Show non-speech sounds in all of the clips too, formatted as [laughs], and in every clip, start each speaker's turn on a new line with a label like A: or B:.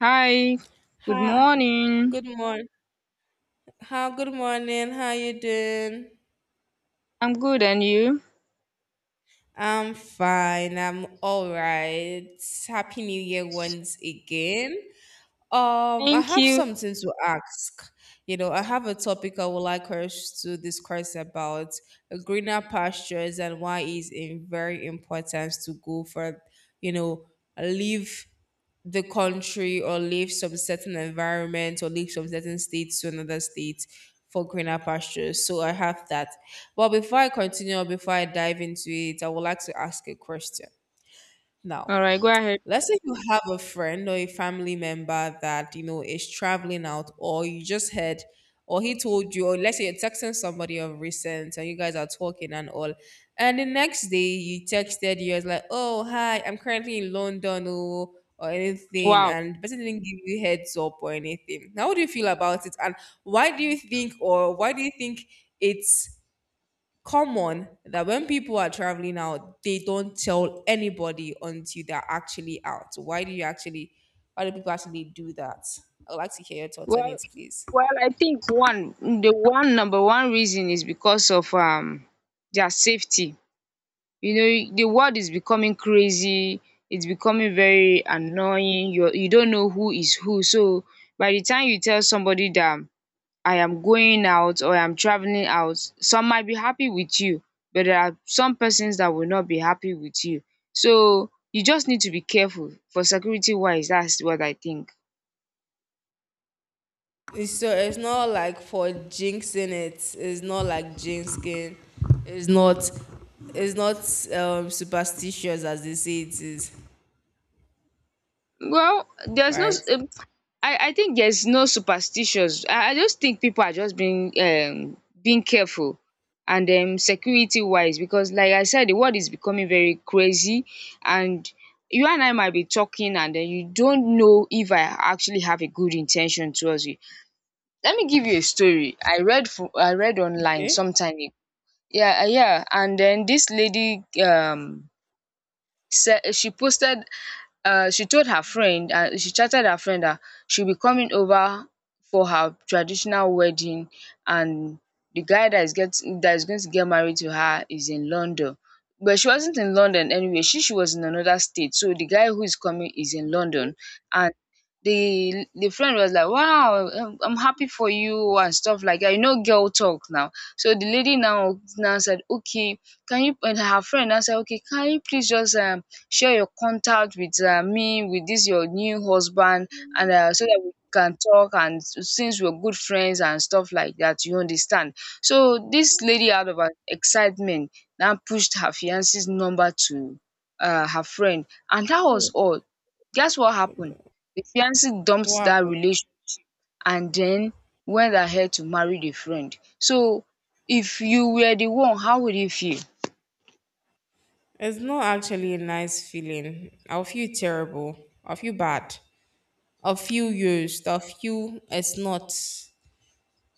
A: Hi, good
B: Hi,
A: morning.
B: good morning. How you doing?
A: I'm good, and you?
B: I'm fine. I'm all right. Happy New Year once again. I
A: Thank
B: have
A: you.
B: something to ask. You know, I have a topic I would like us to discuss about greener pastures and why it's in very important to go for, you know, live the country or leave some certain environment or leave some certain state to another state for greener pastures. So I have that. But before I continue or before I dive into it, I would like to ask a question now,
A: All right, go ahead.
B: let's say you have a friend or a family member that you know is traveling out, or you just heard, or he told you, or let's say you're texting somebody of recent and you guys are talking and all, and the next day you texted, you was like, oh hi, I'm currently in london, oh, or anything,
A: Wow.
B: and the person didn't give you heads up or anything. Now how do you feel about it, and why do you think it's common that when people are traveling out, they don't tell anybody until they're actually out. Why do you actually, why do people actually do that? I'd like to hear your thoughts on
A: Well,
B: it, please.
A: well, I think one, the one number one reason is because of their safety. You know, the world is becoming crazy. It's becoming very annoying. You don't know who is who. So by the time you tell somebody that I am going out or I'm traveling out, some might be happy with you, but there are some persons that will not be happy with you. So you just need to be careful for security wise, that's what I think.
B: So it's not like for jinxing it. It's not like jinxing. It's not. It's not superstitious as they say it is,
A: Well, there's no
B: right?
A: um, I think there's no superstitions. I just think people are just being being careful and security wise because like I said, the world is becoming very crazy, and you and I might be talking and then you don't know if I actually have a good intention towards you. Let me give you a story. I read online
B: Okay.
A: sometime ago. Yeah, and then this lady said she posted she chatted her friend that she'll be coming over for her traditional wedding, and the guy that is going to get married to her is in London, but she wasn't in London. Anyway, she was in another state, so the guy who is coming is in London. And the friend was like, wow, I'm happy for you and stuff like that, you know, girl talk now. So the lady now said, okay, can you and her friend now said, okay, can you please just share your contact with me, with this your new husband, and so that we can talk, and since we're good friends and stuff like that, you understand. So this lady, out of her excitement, now pushed her fiance's number to her friend, and that was all. Guess what happened? The fiance
B: What
A: dumped that
B: happened?
A: relationship and then went ahead to marry the friend. So if you were the one, how would you feel?
B: It's not actually a nice feeling. I'll feel terrible. I'll feel bad. A few years, a few. It's not.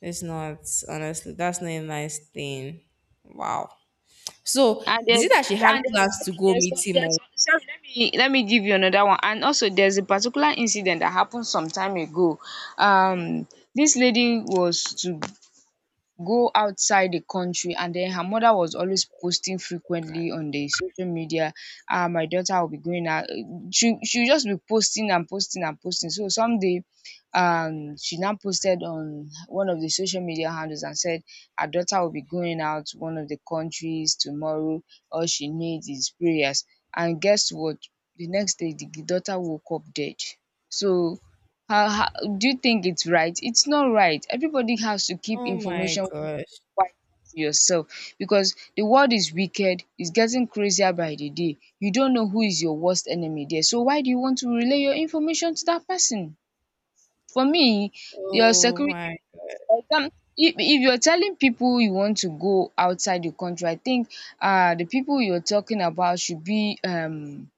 B: It's not. Honestly, that's not a nice thing. Wow. So,
A: and
B: is it
A: there's
B: that she had
A: and
B: plans to go meet him? Or,
A: there's sorry Let me give you another one, and also there's a particular incident that happened some time ago. um this lady was to go outside the country, and then her mother was always posting frequently on the social media. Ah, my daughter will be going out. She just be posting and posting and posting. So someday, she now posted on one of the social media handles and said her daughter will be going out to one of the countries tomorrow. All she needs is prayers. And guess what? The next day, the daughter woke up dead. So how do you think it's right? It's not right. Everybody has to keep
B: oh my
A: information
B: gosh.
A: wiser to yourself, because the world is wicked, it's getting crazier by the day. You don't know who is your worst enemy there. So why do you want to relay your information to that person? For me, your
B: Oh
A: security
B: my
A: for exam if you're telling people you want to go outside the country, I think the people you're talking about should be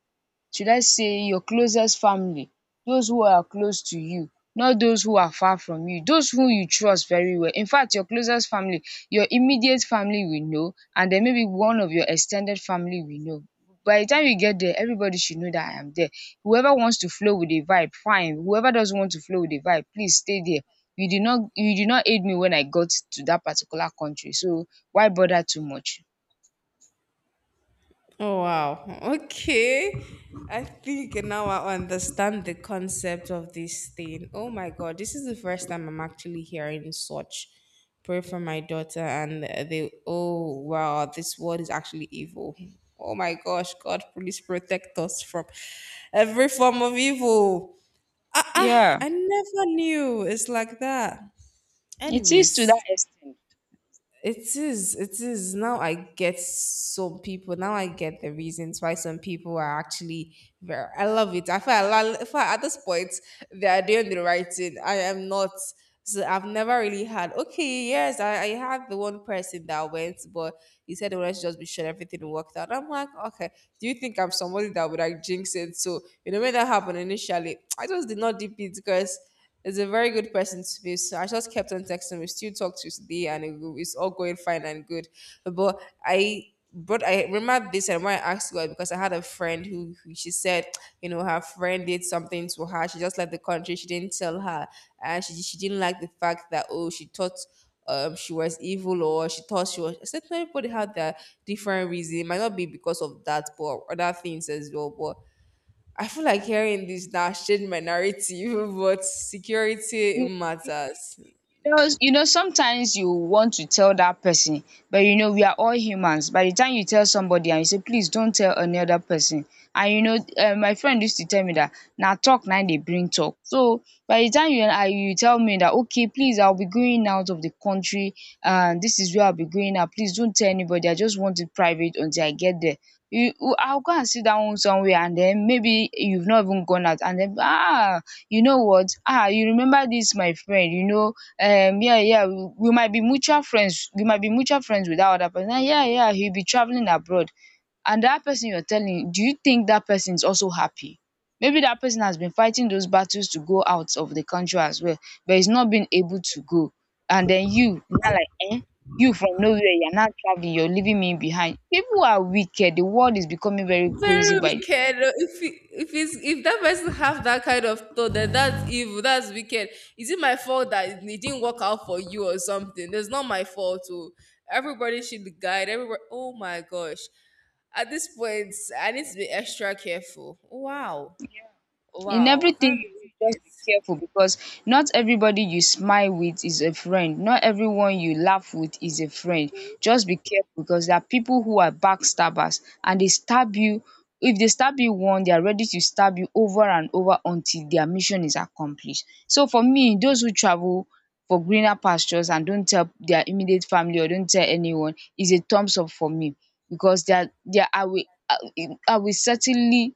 A: should I say your closest family, those who are close to you, not those who are far from you, those who you trust very well. In fact, your closest family, your immediate family will know, and then maybe one of your extended family will know. By the time you get there, everybody should know that I am there. Whoever wants to flow with the vibe, fine. Whoever doesn't want to flow with the vibe, please stay there. You did not aid me when I got to that particular country, so why bother too much?
B: Oh wow. Okay. I think now I understand the concept of this thing. Oh my god, this is the first time I'm actually hearing such. Pray for my daughter and the oh wow, this world is actually evil. Oh my gosh, God, please protect us from every form of evil. Ah, ah,
A: Yeah,
B: I never knew it's like that.
A: it is to that
B: Anyways,
A: extent.
B: it is, it is. Now I get some people, now I get the reasons why some people are actually very, I love it. I feel, I love, I feel at this point, they are doing the right thing. I am not. So I've never really had, okay, yes, I had the one person that went, but he said, well, let's just be sure everything worked out. I'm like, okay, do you think I'm somebody that would like jinx it? So, you know, when that happened initially, [tsk] I just did not dip it because he's a very good person to be. So I just kept on texting him. We still talk to today, and it's all going fine and good. But I remember this, and why I asked you because I had a friend who, she said, you know, her friend did something to her. She just left the country. She didn't tell her, and she didn't like the fact that, oh, she thought. She was evil, or she thought she was. I said, "No, everybody had their different reason. It might not be because of that, but other things as well." But I feel like hearing this now has changed my narrative, [laughs] but security
A: You
B: matters.
A: you know sometimes you want to tell that person, but you know we are all humans. By the time you tell somebody and you say, please don't tell another person. And you know, my friend used to tell me that now talk now they bring talk. So by the time you I you tell me that, okay, please, I will be going out of the country, and this is where I will be going, now please don't tell anybody, I just want it private until I get there, you, I will go and sit down somewhere, and then maybe you've not even gone out, and then, ah, you know what? Ah, you remember this my friend, you know, yeah, yeah, we might be mutual friends, we might be mutual friends with that other person, and yeah, yeah, he'll be traveling abroad. And that person you're telling, do you think that person is also happy? Maybe that person has been fighting those battles to go out of the country as well, but he's not been able to go. And then you now like, eh, you, from nowhere, you're not traveling, you're leaving me behind. People are wicked, the world is becoming very crazy.
B: Very
A: By,
B: wicked. If it's, if that person have that kind of thought, then that's evil. That's wicked. Is it my fault that it didn't work out for you or something? It's not my fault. Oh, everybody should guide. Everybody. Oh my gosh. At this point, I need to be extra careful. Wow.
A: in
B: Wow. I
A: everything
B: can't believe
A: you do, just be careful, because not everybody you smile with is a friend, not everyone you laugh with is a friend. Just be careful, because there are people who are backstabbers, and they stab you. If they stab you once, they are ready to stab you over and over until their mission is accomplished. So for me, those who travel for greener pastures and don't tell their immediate family, or don't tell anyone, is a thumbs up for me, because they are I I will certainly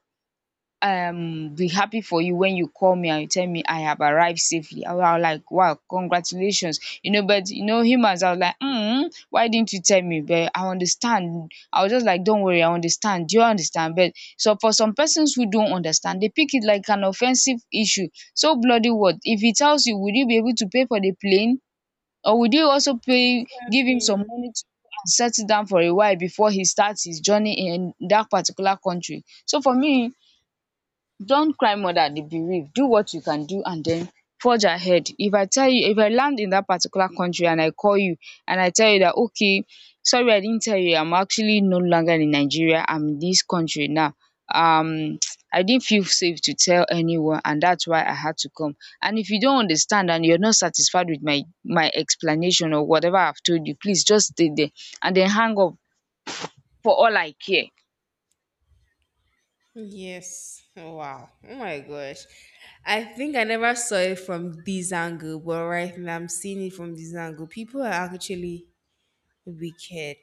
A: be happy for you when you call me and you tell me I have arrived safely. I was like, wow, congratulations. You know, but you know him, as I was like, mm, why didn't you tell me? But I understand. I was just like, don't worry, I understand. Do you understand? But so for some persons who don't understand, they pick it like an offensive issue. So bloody what? If he tells you, would you be able to pay for the plane? Or would you also pay give him
B: this.
A: some money to and settle down for a while before he starts his journey in that particular country? So for me, don't cry more than the bereaved. Do what you can do, and then forge ahead. If I tell you, if I land in that particular country and I call you and I tell you that, okay, sorry I didn't tell you, I'm actually no longer in Nigeria, I'm in this country now. Um [tsk] I didn't feel safe to tell anyone, and that's why I had to come. And if you don't understand and you're not satisfied with my explanation or whatever I've told you, please just stay there and then hang up for all I care.
B: Yes. Oh, wow. Oh my gosh. I think I never saw it from this angle, but right now I'm seeing it from this angle. People are actually wicked.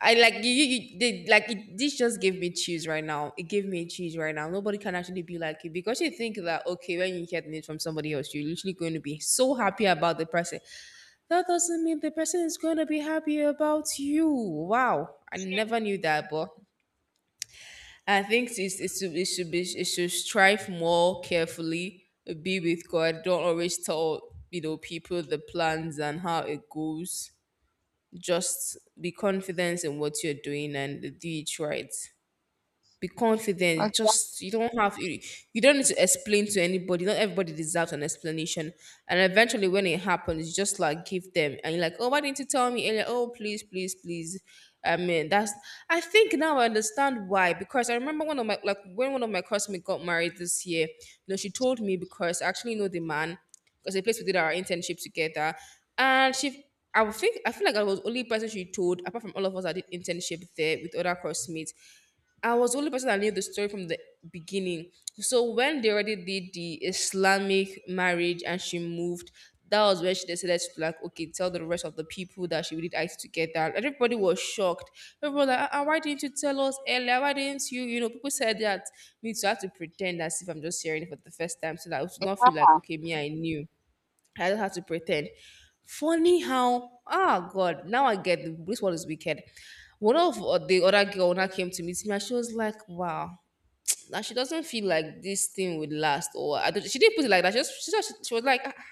B: I like you they, like it, this just gave me chills right now. It gave me chills right now. Nobody can actually be like you because you think that, okay, when you hear the news from somebody else, you're literally going to be so happy about the person. That doesn't mean the person is going to be happy about you. Wow. I never knew that, but I think it's, it should be, it should strive more carefully, be with God. Don't always tell, you know, people the plans and how it goes. Just be confident in what you're doing and do it right. Be confident.
A: Okay.
B: Just you don't have you, You don't need to explain to anybody. Not everybody deserves an explanation. And eventually, when it happens, you just like give them and you're like, oh, why didn't you tell me earlier? Oh, please, please, please. I mean, that's. I think now I understand why, because I remember one of my, like when one of my classmates got married this year. You know, she told me because I actually know the man, because the place we did our internship together, and she. I would think, I feel like I was the only person she told, apart from all of us that did internship there with other classmates. I was the only person that knew the story from the beginning. So when they already did the Islamic marriage and she moved, that was when she decided to, like, okay, tell the rest of the people that she really asked to get that. Everybody was shocked. Everyone was like, ah, ah, why didn't you tell us earlier? Why didn't you? You know, people said that, me, so I had to pretend as if I'm just hearing it for the first time, so that I would not feel like, okay, me, I knew. I don't have to pretend. Funny how, ah, God, now I get the, this one is wicked. One of the other girl now came to meet me and she was like, wow, [tsk] now she doesn't feel like this thing would last. Or I don't, she didn't put it like that. She was like, ah, ah,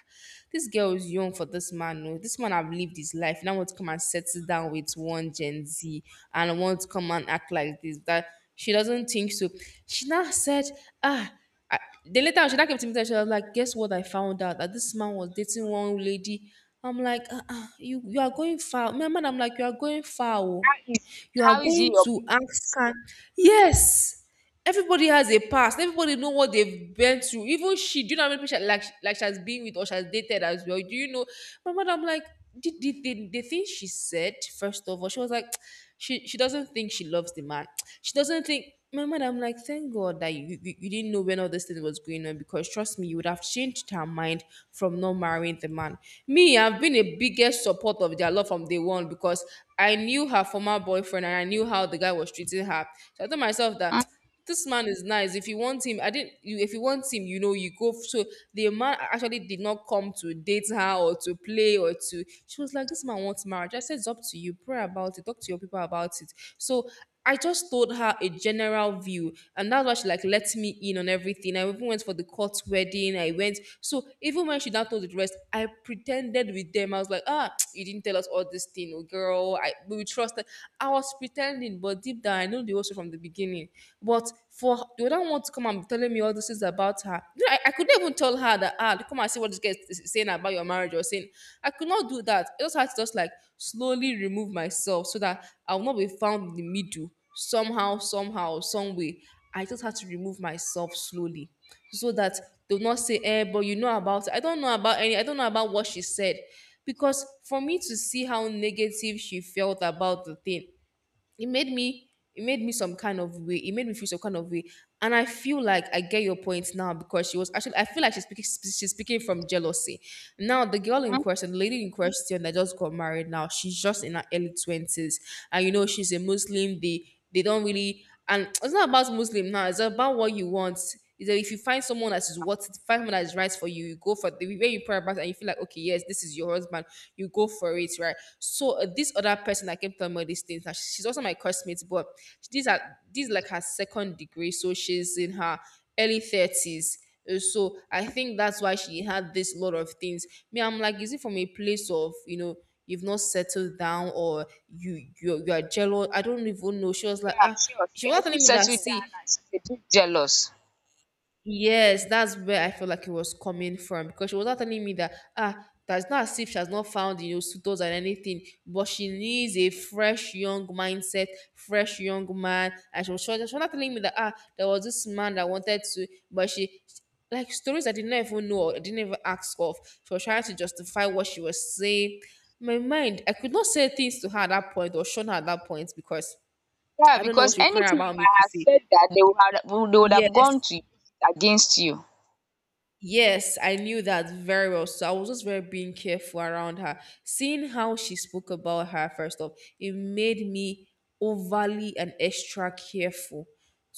B: this girl is young for this man. No, this man, have lived his life. Now want to come and settle down with one Gen Z and want to come and act like this. That she doesn't think so. She now said, ah, I, then later on, she now came to me and she was like, "Guess what? I found out that this man was dating one lady." I'm like, uh-uh, You are going far." My man, I'm like, "You are going far. Oh.
A: How is he
B: You are
A: how is
B: going
A: he your
B: to ask
A: business?
B: her." Yes, everybody has a past. Everybody know what they've been through. Even she, do you know how many people she, like she has been with or she has dated as well? Do you know? My man, I'm like, did the thing she said first of all? She was like. She doesn't think she loves the man. She doesn't think my mother. I'm like, thank God that you, you didn't know when all this thing was going on, because trust me, you would have changed her mind from not marrying the man. Me, I've been a biggest support of their love from day one, because I knew her former boyfriend and I knew how the guy was treating her. So I told myself that this man is nice. If you want him, I didn't. You, if you want him, you know, you go. So the man actually did not come to date her or to play or to. She was like, "This man wants marriage." I said, "It's up to you. Pray about it. Talk to your people about it." So I just told her a general view, and that's why she like let me in on everything. I even went for the court wedding. I went. So even when she now told the rest, I pretended with them. I was like, "Ah, [tsk] you didn't tell us all this thing, oh girl. I we trusted." I was pretending, but deep down, I know the whole story from the beginning. But for you don't want to come and be telling me all these things about her. You know, I could not even tell her that, ah, come and see what this guy is saying about your marriage or saying. I could not do that. I just had to just like slowly remove myself, so that I will not be found in the middle somehow, somehow, some way. I just had to remove myself slowly, so that they'll not say, eh, but you know about it. I don't know about any, I don't know about what she said. Because for me to see how negative she felt about the thing, it made me it made me feel some kind of way. And I feel like I get your point now, because she was actually, I feel like she's speaking from jealousy. Now the lady in question that just got married, now she's just in her early 20s. And you know, she's a Muslim. They don't really— and it's not about Muslim now, it's about what you want. Is that if you find someone that is what— find someone that is right for you, you go for the— where you pray about it and you feel like, okay, yes, this is your husband, you go for it, right? So this other person that came telling me all these things, now she's also my classmate, but these are these like her second degree, so she's in her early 30s. So I think that's why she had this lot of things. Me, I'm like, is it from a place of, you know? You've not settled down or you are jealous. I don't even know. She was like,
A: Yeah,
B: ah,
A: sure.
B: she
A: She
B: was telling
A: hasn't
B: me that,
A: settled down
B: see,
A: and she's a bit jealous.
B: yes, that's where I feel like it was coming from, because she was not telling me that, ah, that's not as if she has not found, you know, suitors and anything, but she needs a fresh young mindset, fresh young man. And she was not telling me that, ah, there was this man that wanted to, but she— like stories I did not even know or I didn't even ask of. She was trying to justify what she was saying. My mind, I could not say things to her at that point or show her at that point, because
A: Yeah,
B: I don't know what
A: because
B: she would carry
A: anything you
B: about me
A: might
B: to
A: have
B: say.
A: said, that they would have would- they would have
B: Yes,
A: gone to use it against you.
B: yes, I knew that very well. So I was just very being careful around her. Seeing how she spoke about her first off, it made me overly and extra careful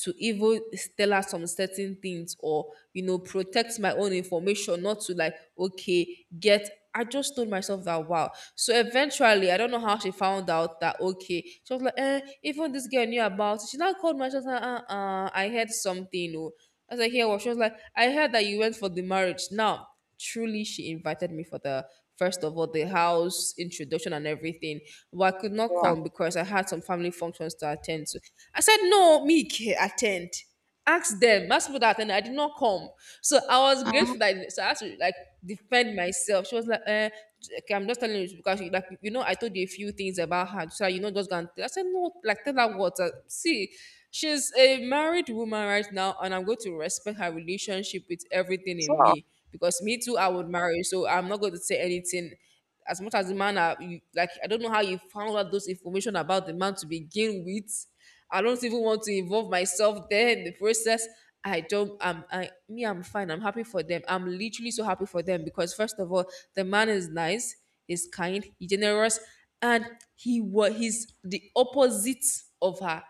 B: to even tell her some certain things, or you know, protect my own information, not to like, okay, get. I just told myself that, wow. So eventually, I don't know how she found out that, okay. She was like, eh, even this girl knew about it. She now called myself. I heard something. Oh. As I hear, well, she was like, I heard that you went for the marriage. Now, truly, she invited me for the first of all the house introduction and everything, but I could not
A: Yeah.
B: come because I had some family functions to attend to. I said, no, me ke- attend. Ask them. Ask people that attend. I did not come, so I was
A: Mhm.
B: grateful that. So I had to like defend myself. She was like, eh, okay, I'm just telling you because you, like, you know, I told you a few things about her. So you know, just gonna tell. I said, no, like, tell her what. See, she's a married woman right now, and I'm going to respect her relationship with everything in
A: Sure.
B: me, because me too, I would marry. So I'm not going to say anything. As much as the man, you, like I don't know how you found out those information about the man to begin with. I don't even want to involve myself there in the process. I don't. I'm. I me. I'm fine. I'm happy for them. I'm literally so happy for them, because first of all, the man is nice. He's kind. He's generous, and he was— he's the opposite of her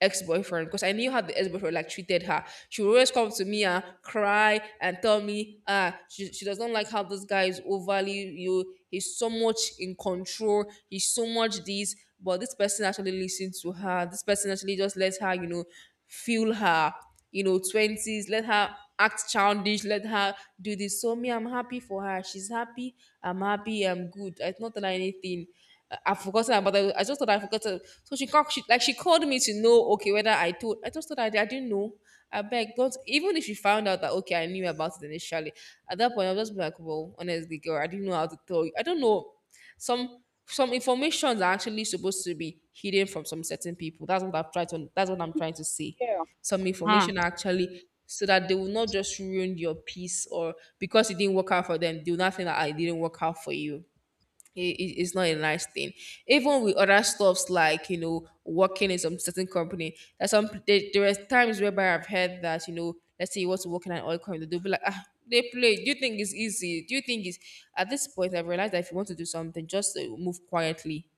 B: ex-boyfriend, because I knew how the ex-boyfriend like treated her. She would always come to me and cry and tell me, ah, she does not like how this guy is overly, you— he's so much in control. He's so much this. But this person actually listened to her. This person actually just let her, you know, feel her, you know, twenties. Let her act childish. Let her do this. So me, I'm happy for her. She's happy. I'm happy. I'm good. I It's not done anything. I- have forgotten about it. I just thought I forgot to. So she like she called me to know okay whether I told. I just thought I didn't know. I beg God. Even if she found out that, okay, I knew about it initially, at that point I'll just be like, well, honestly, girl, I didn't know how to tell you. I don't know. Some some informations are actually supposed to be hidden from some certain people. That's what I've tried to. That's what I'm trying to say.
A: Yeah.
B: Some
A: Hmm.
B: information actually, so that they will not just ruin your peace, or because it didn't work out for them, do will not think that I didn't work out for you. It's not a nice thing. Even with other stuffs like, you know, working in some certain company, there's some— there are times whereby I've heard that, you know, let's say you want to work in an oil company, they'll be like, ah, they play. Do you think it's easy? Do you think it's— at this point I've realized that if you want to do something, just move quietly.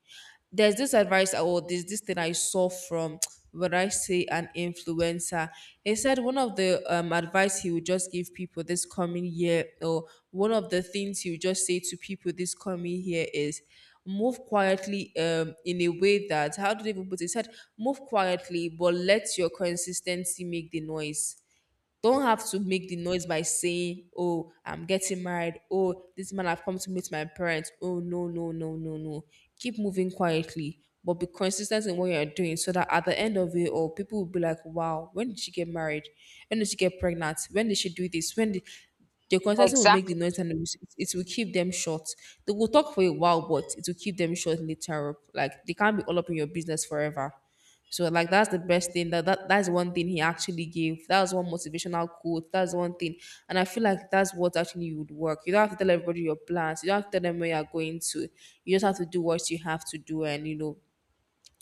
B: There's this advice I- or this thing I saw from [tsk] what I say an influencer. He said one of the advice he would just give people this coming year, or one of the things he would just say to people this coming year is move quietly, in a way that, how do they even put it? He said move quietly, but let your consistency make the noise. Don't have to make the noise by saying, oh, I'm getting married. Oh, this man have come to meet my parents. Oh, no, no, no, no, no. Keep moving quietly, but be consistent in what you're doing, so that at the end of it all, people will be like, wow, when did she get married? When did she get pregnant? When did she do this? When did— the consultant will make the
A: Exactly.
B: noise, and it will keep them short. They will talk for a while, but it will keep them short later. Up. Like they can't be all up in your business forever. So like, that's the best thing that, that's one thing he actually gave. That was one motivational quote. That's one thing. And I feel like that's what actually would work. You don't have to tell everybody your plans. You don't have to tell them where you're going to. You just have to do what you have to do, and you know,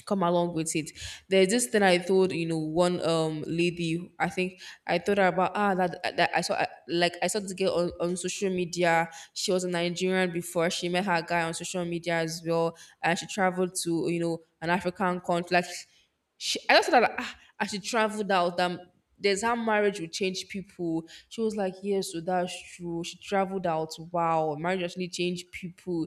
B: come along with it. There's this thing I told, you know, one lady. I think I told her about ah that, that I saw— like I saw this girl on social media. She was a Nigerian before she met her guy on social media as well, and she traveled to, you know, an African country. Like she— I just thought that, ah, as she traveled out, there's how marriage will change people. She was like, yes, so that's true. She traveled out. Wow, marriage actually changed people.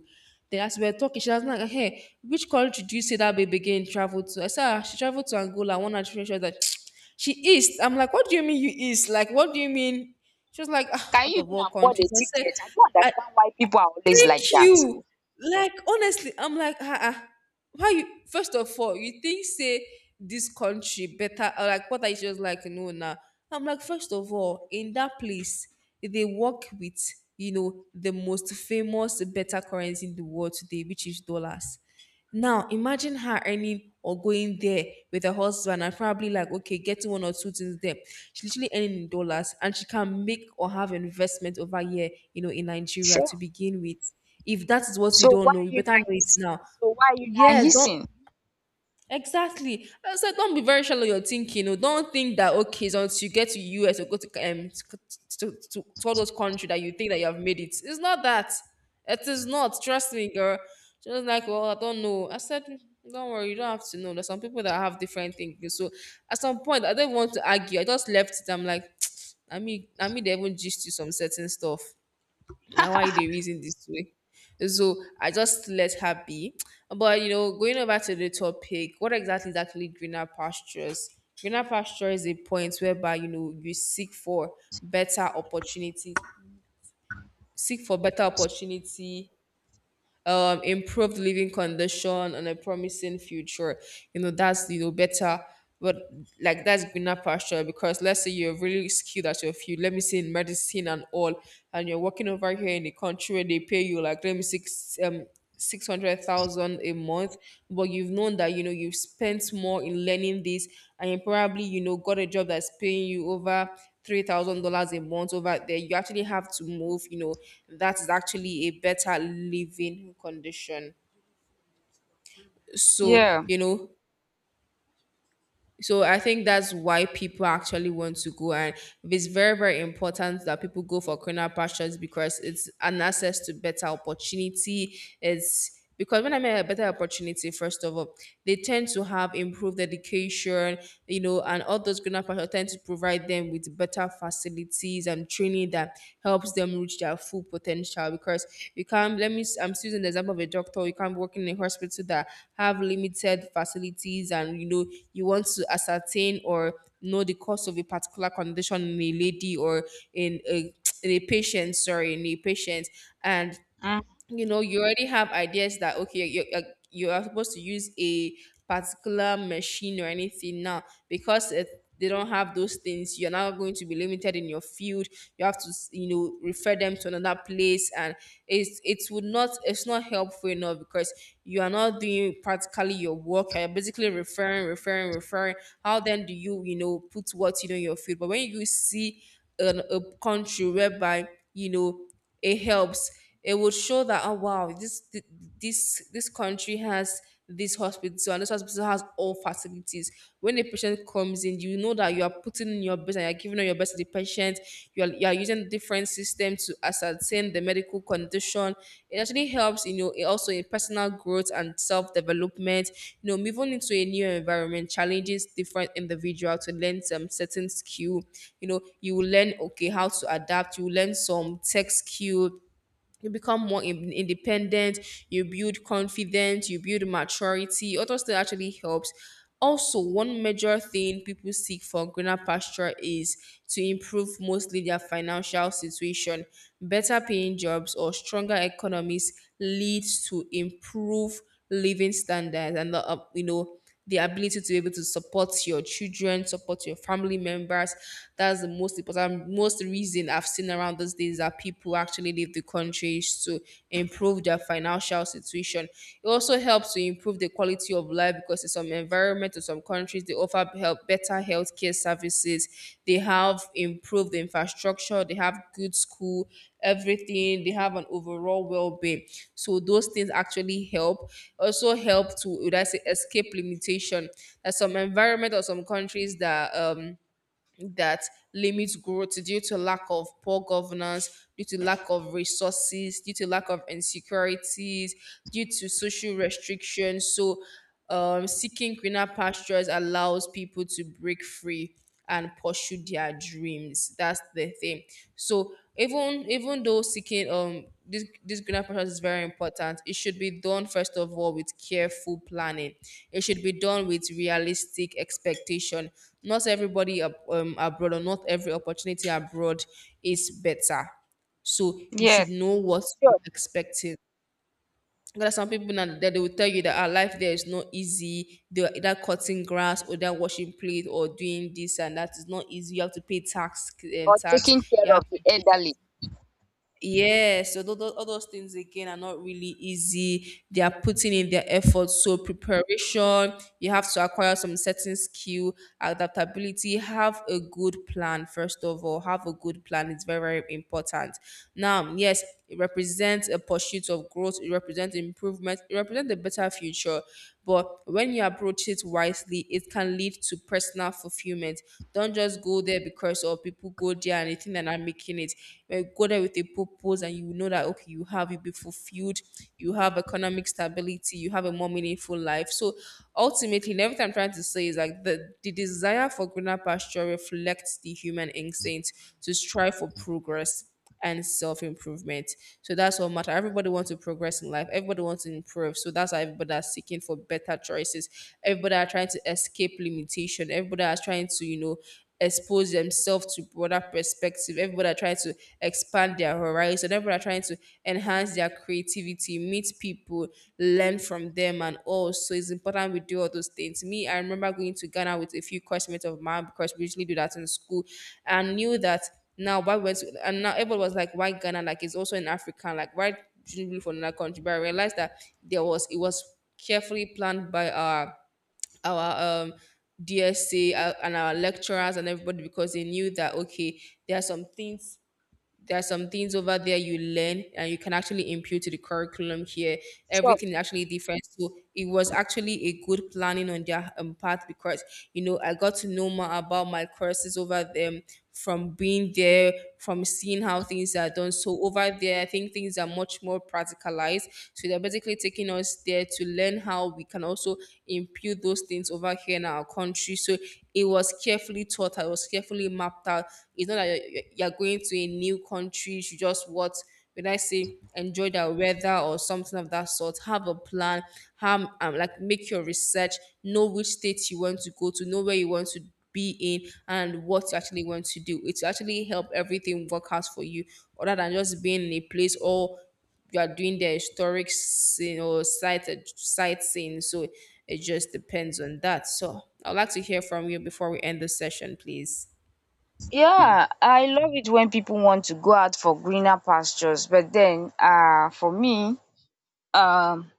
B: Then as we were talking, she was like, hey, which country do you say that baby again traveled to? I said, ah, she traveled to Angola. One of— she was like, [tsk] she east. I'm like, what do you mean you east? Like, what do you mean? She was like, ah,
A: Can
B: out
A: you
B: of
A: even
B: all
A: afford a
B: countries. I said,
A: ticket? I don't understand why people are always like that.
B: you— like, honestly, I'm like, ah, ah, why you? First of all, you think say this country better? Or Like what, I just like no now. I'm like, first of all, in that place they work with, you know, the most famous better currency in the world today, which is dollars. Now imagine her earning or going there with her husband and probably like, okay, getting one or two things there. She's literally earning in dollars, and she can make or have investment over here, you know, in Nigeria to
A: Sure.
B: begin with. If that is what you
A: So
B: don't
A: why
B: know,
A: are
B: you
A: you
B: better
A: not
B: know it
A: hissing?
B: now.
A: So why are you not
B: Yes, don't—
A: hissing?
B: exactly. So don't be very shallow in your thinking. Oh. Don't think that, okay, so once you get to US or go to, to all those country that you think that you have made it. It's not that. It is not. Trust me, girl. She was like, well, I don't know. I said, don't worry, you don't have to know. There's some people that have different things. So at some point, I don't want to argue. I just left it. I'm like, [tsk] I mean, they even gist you some certain stuff. Now why they reason this way? So I just let her be. But you know, going over to the topic, what exactly is actually greener pastures? Greener pasture is a point whereby you know you seek for better opportunity, seek for better opportunity, improved living condition and a promising future. You know, that's you know better, but like that's greener pasture because let's say you're really skilled at your field, let me say in medicine and all, and you're working over here in the country where they pay you like let me say 600,000 a month, but you've known that you know you've spent more in learning this, and you probably you know got a job that's paying you over $3,000 a month over there. You actually have to move. You know that is actually a better living condition. So
A: Yeah.
B: you know. So I think that's why people actually want to go, and it's very, very important that people go for greener pastures because it's an access to better opportunity. It's because when I mean a better opportunity, first of all, they tend to have improved education, you know, and all those greener pastures tend to provide them with better facilities activities and training that helps them reach their full potential because you can't, let me I'm still using the example of a doctor, you can't work in a hospital that have limited facilities and you know you want to ascertain or know the cause of a particular condition in a lady or in a in a patient, sorry, in a patient, and
A: Mm.
B: you know you already have ideas that okay, you you are supposed to use a particular machine or anything now, because it, they don't have those things, you're now going to be limited in your field. You have to you know refer them to another place, and it's, it would not, it's not helpful enough because you are not doing practically your work, you're basically referring, referring, referring. How then do you you know put what you know in your field? But when you see a country whereby you know it helps, it would show that, oh wow, this, this country has this hospital and this hospital has all facilities. When a patient comes in, you know that you are putting in your best and you're giving all your best to the patient. You are using different systems to ascertain the medical condition. It actually helps, you know, it also in personal growth and self-development. You know, moving into a new environment challenges different individual to learn some certain skill. You know, you will learn okay how to adapt, you will learn some tech skill, you become more independent, you build confidence, you build maturity, all those things actually helps. Also, one major thing people seek for greener pasture is to improve mostly their financial situation. Better paying jobs or stronger economies leads to improved living standards and you know the ability to be able to support your children, support your family members. That's the most important, most reason I've seen around these days that people actually leave the countries to improve their financial situation. It also helps to improve the quality of life because in some environment or some countries they offer help better healthcare services. They have improved infrastructure. They have good school, everything, they have an overall well-being. So those things actually help, also help to, would I say, escape limitation. There's some environment or some countries that that limits growth due to lack of poor governance, due to lack of resources, due to lack of insecurities, due to social restrictions. So seeking greener pastures allows people to break free and pursue their dreams. That's the thing. So even though seeking this greener process is very important, it should be done first of all with careful planning, it should be done with realistic expectation. Not everybody abroad, or not every opportunity abroad is better, so you should
A: Yes.
B: know what you're
A: Sure.
B: expecting. There are some people now that they will tell you that our life there is not easy. They are either cutting grass or they're washing plate or doing this and that is not easy. You have to pay tax,
A: Or
B: tax.
A: taking care
B: You have
A: of
B: to
A: the
B: do
A: elderly.
B: this. Yes, so all those things again are not really easy. They are putting in their effort. So preparation, you have to acquire some certain skill, adaptability, have a good plan, first of all. Have a good plan. It's very, very important. Now, yes, it represents a pursuit of growth, it represents improvement, it represents a better future. But when you approach it wisely, it can lead to personal fulfillment. Don't just go there because of people go there and they think that I'm making it. Well, go there with a purpose and you know that okay, you have, you'll be fulfilled, you have economic stability, you have a more meaningful life. So ultimately, and everything I'm trying to say is like the desire for greener pasture reflects the human instinct to strive for progress and self improvement. So that's what matters. Everybody wants to progress in life. Everybody wants to improve. So that's why everybody are seeking for better choices. Everybody are trying to escape limitation. Everybody are trying to, you know, expose themselves to broader perspective. Everybody are trying to expand their horizon. Everybody are trying to enhance their creativity, meet people, learn from them and all. So it's important we do all those things. Me, I remember going to Ghana with a few classmates of mine because we usually do that in school, and knew that, now, why went to, and now everyone was like, why Ghana? Like, it's also in Africa. Like, why shouldn't we be from another country? But I realized that there was, it was carefully planned by our, DSC and our lecturers and everybody because they knew that, okay, there are some things, there are some things over there you learn and you can actually impute to the curriculum here.
A: Sure.
B: Everything is actually different. So it was actually a good planning on their part, because, you know, I got to know more about my courses over them from being there, from seeing how things are done. So over there, I think things are much more practicalized. So they're basically taking us there to learn how we can also impute those things over here in our country. So it was carefully taught, it was carefully mapped out. It's not that you're going to a new country, you should just what, when I say, enjoy the weather or something of that sort. Have a plan. Have like, make your research. Know which states you want to go to. Know where you want to be in and what you actually want to do. It will actually help everything work out for you, other than just being in a place, or you are doing the historic scene or sightseeing. So it just depends on that. So I'd like to hear from you before we end the session, please.
A: Yeah, I love it when people want to go out for greener pastures. But then, for me, um,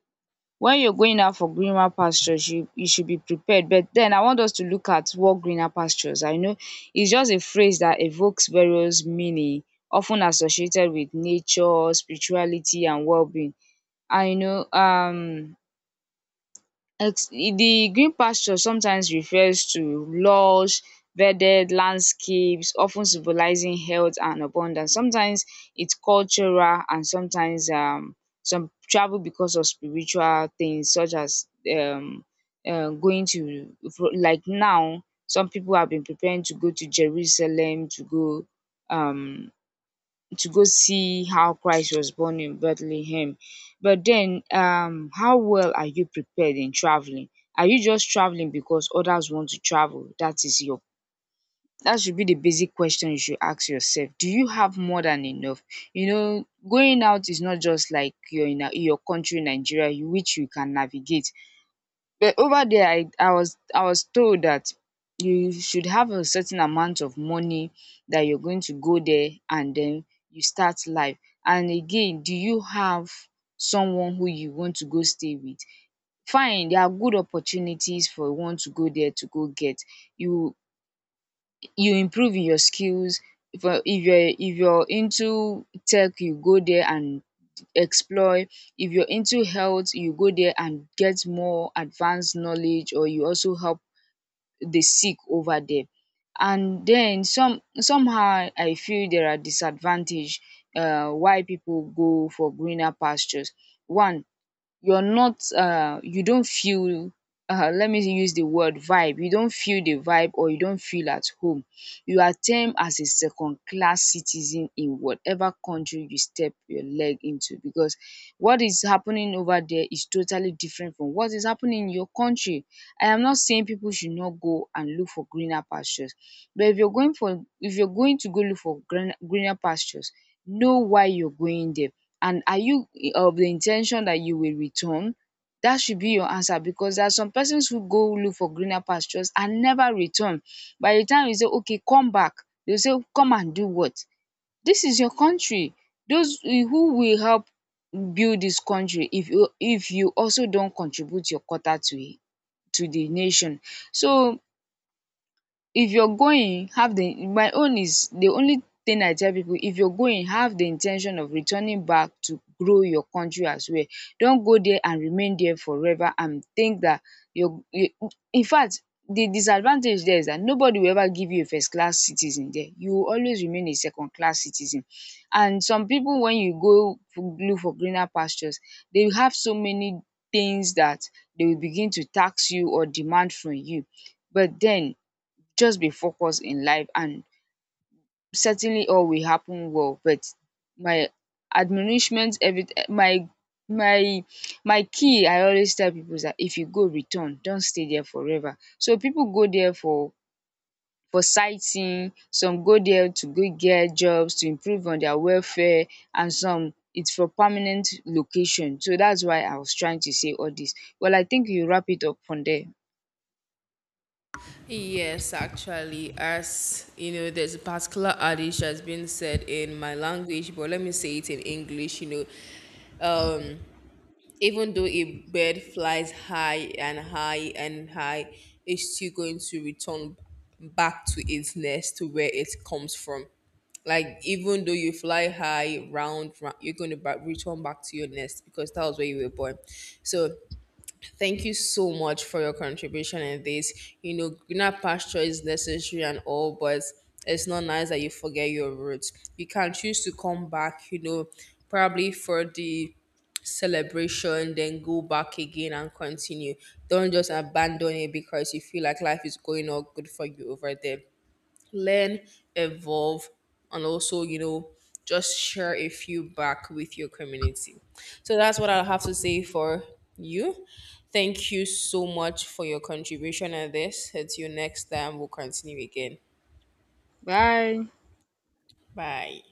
A: when you're going out for greener pastures, you should be prepared. But then, I want us to look at what greener pastures. I know it's just a phrase that evokes various meaning, often associated with nature, spirituality, and well-being. I know, the green pasture sometimes refers to lush verdant landscapes, often symbolizing health and abundance. Sometimes it's cultural, and sometimes some travel because of spiritual things, such as um like now some people have been preparing to go to Jerusalem um to go see how Christ was born in Bethlehem. But then, how well are you prepared in traveling? Are you just traveling because others want to travel? That is your That should be the basic question you should ask yourself. Do you have more than enough? You know, going out is not just like you're in, in your country, Nigeria, which you can navigate. But over there, I was told that you should have a certain amount of money that you're going to go there and then you start life. And again, do you have someone who you want to go stay with? Fine, there are good opportunities for one to go there to go get. You you improve in your skills. If you, if you're into tech, you go there and explore. If you're into health, you go there and get more advanced knowledge, or you also help the sick over there. And then some, somehow I feel there are disadvantage, why people go for greener pastures. One, you don't feel, let me use the word vibe, you don't feel the vibe, or you don't feel at home. You are termed as a second class citizen in whatever country you step your leg into, because what is happening over there is totally different from what is happening in your country. I am not saying people should not go and look for greener pastures, but if you're going for, if you're going to go look for greener pastures, know why you're going there, and are you of the intention that you will return? That should be your answer, because there are some persons who go look for greener pastures and never return. By the time you say, okay, come back, they'll say, come and do what? This is your country. Those who will help build this country, if you, if you also don't contribute your quota to it, to the nation. So if you're going, have the, my own is the only thing I tell people, if you're going, have the intention of returning back to grow your country as well. Don't go there and remain there forever and think that you're you, in fact the disadvantage there is that nobody will ever give you a first class citizen there, you will always remain a second class citizen. And some people, when you go look for greener pastures, they will have so many things that they will begin to tax you or demand from you. But then, just be focused in life, and certainly all will happen well. But my admonishment every my my my key I always tell people is that if you go, return, don't stay there forever. So people go there for sightseeing, some go there to go get jobs to improve on their welfare, and some it's for permanent location. So that's why I was trying to say all this. Well, I think you wrap it up from there.
B: Yes, actually, as you know, there's a particular adage that's been said in my language, but let me say it in English. You know, even though a bird flies high and high and high, it's still going to return back to its nest, to where it comes from. Like, even though you fly high, round, round, you're going to return back to your nest because that was where you were born. So, thank you so much for your contribution in this. You know, greener pasture is necessary and all, but it's not nice that you forget your roots. You can choose to come back, you know, probably for the celebration, then go back again and continue. Don't just abandon it because you feel like life is going all good for you over there. Learn, evolve, and also, you know, just share a few back with your community. So that's what I'll have to say for you. Thank you so much for your contribution on this. Until next time, we'll continue again.
A: Bye.
B: Bye.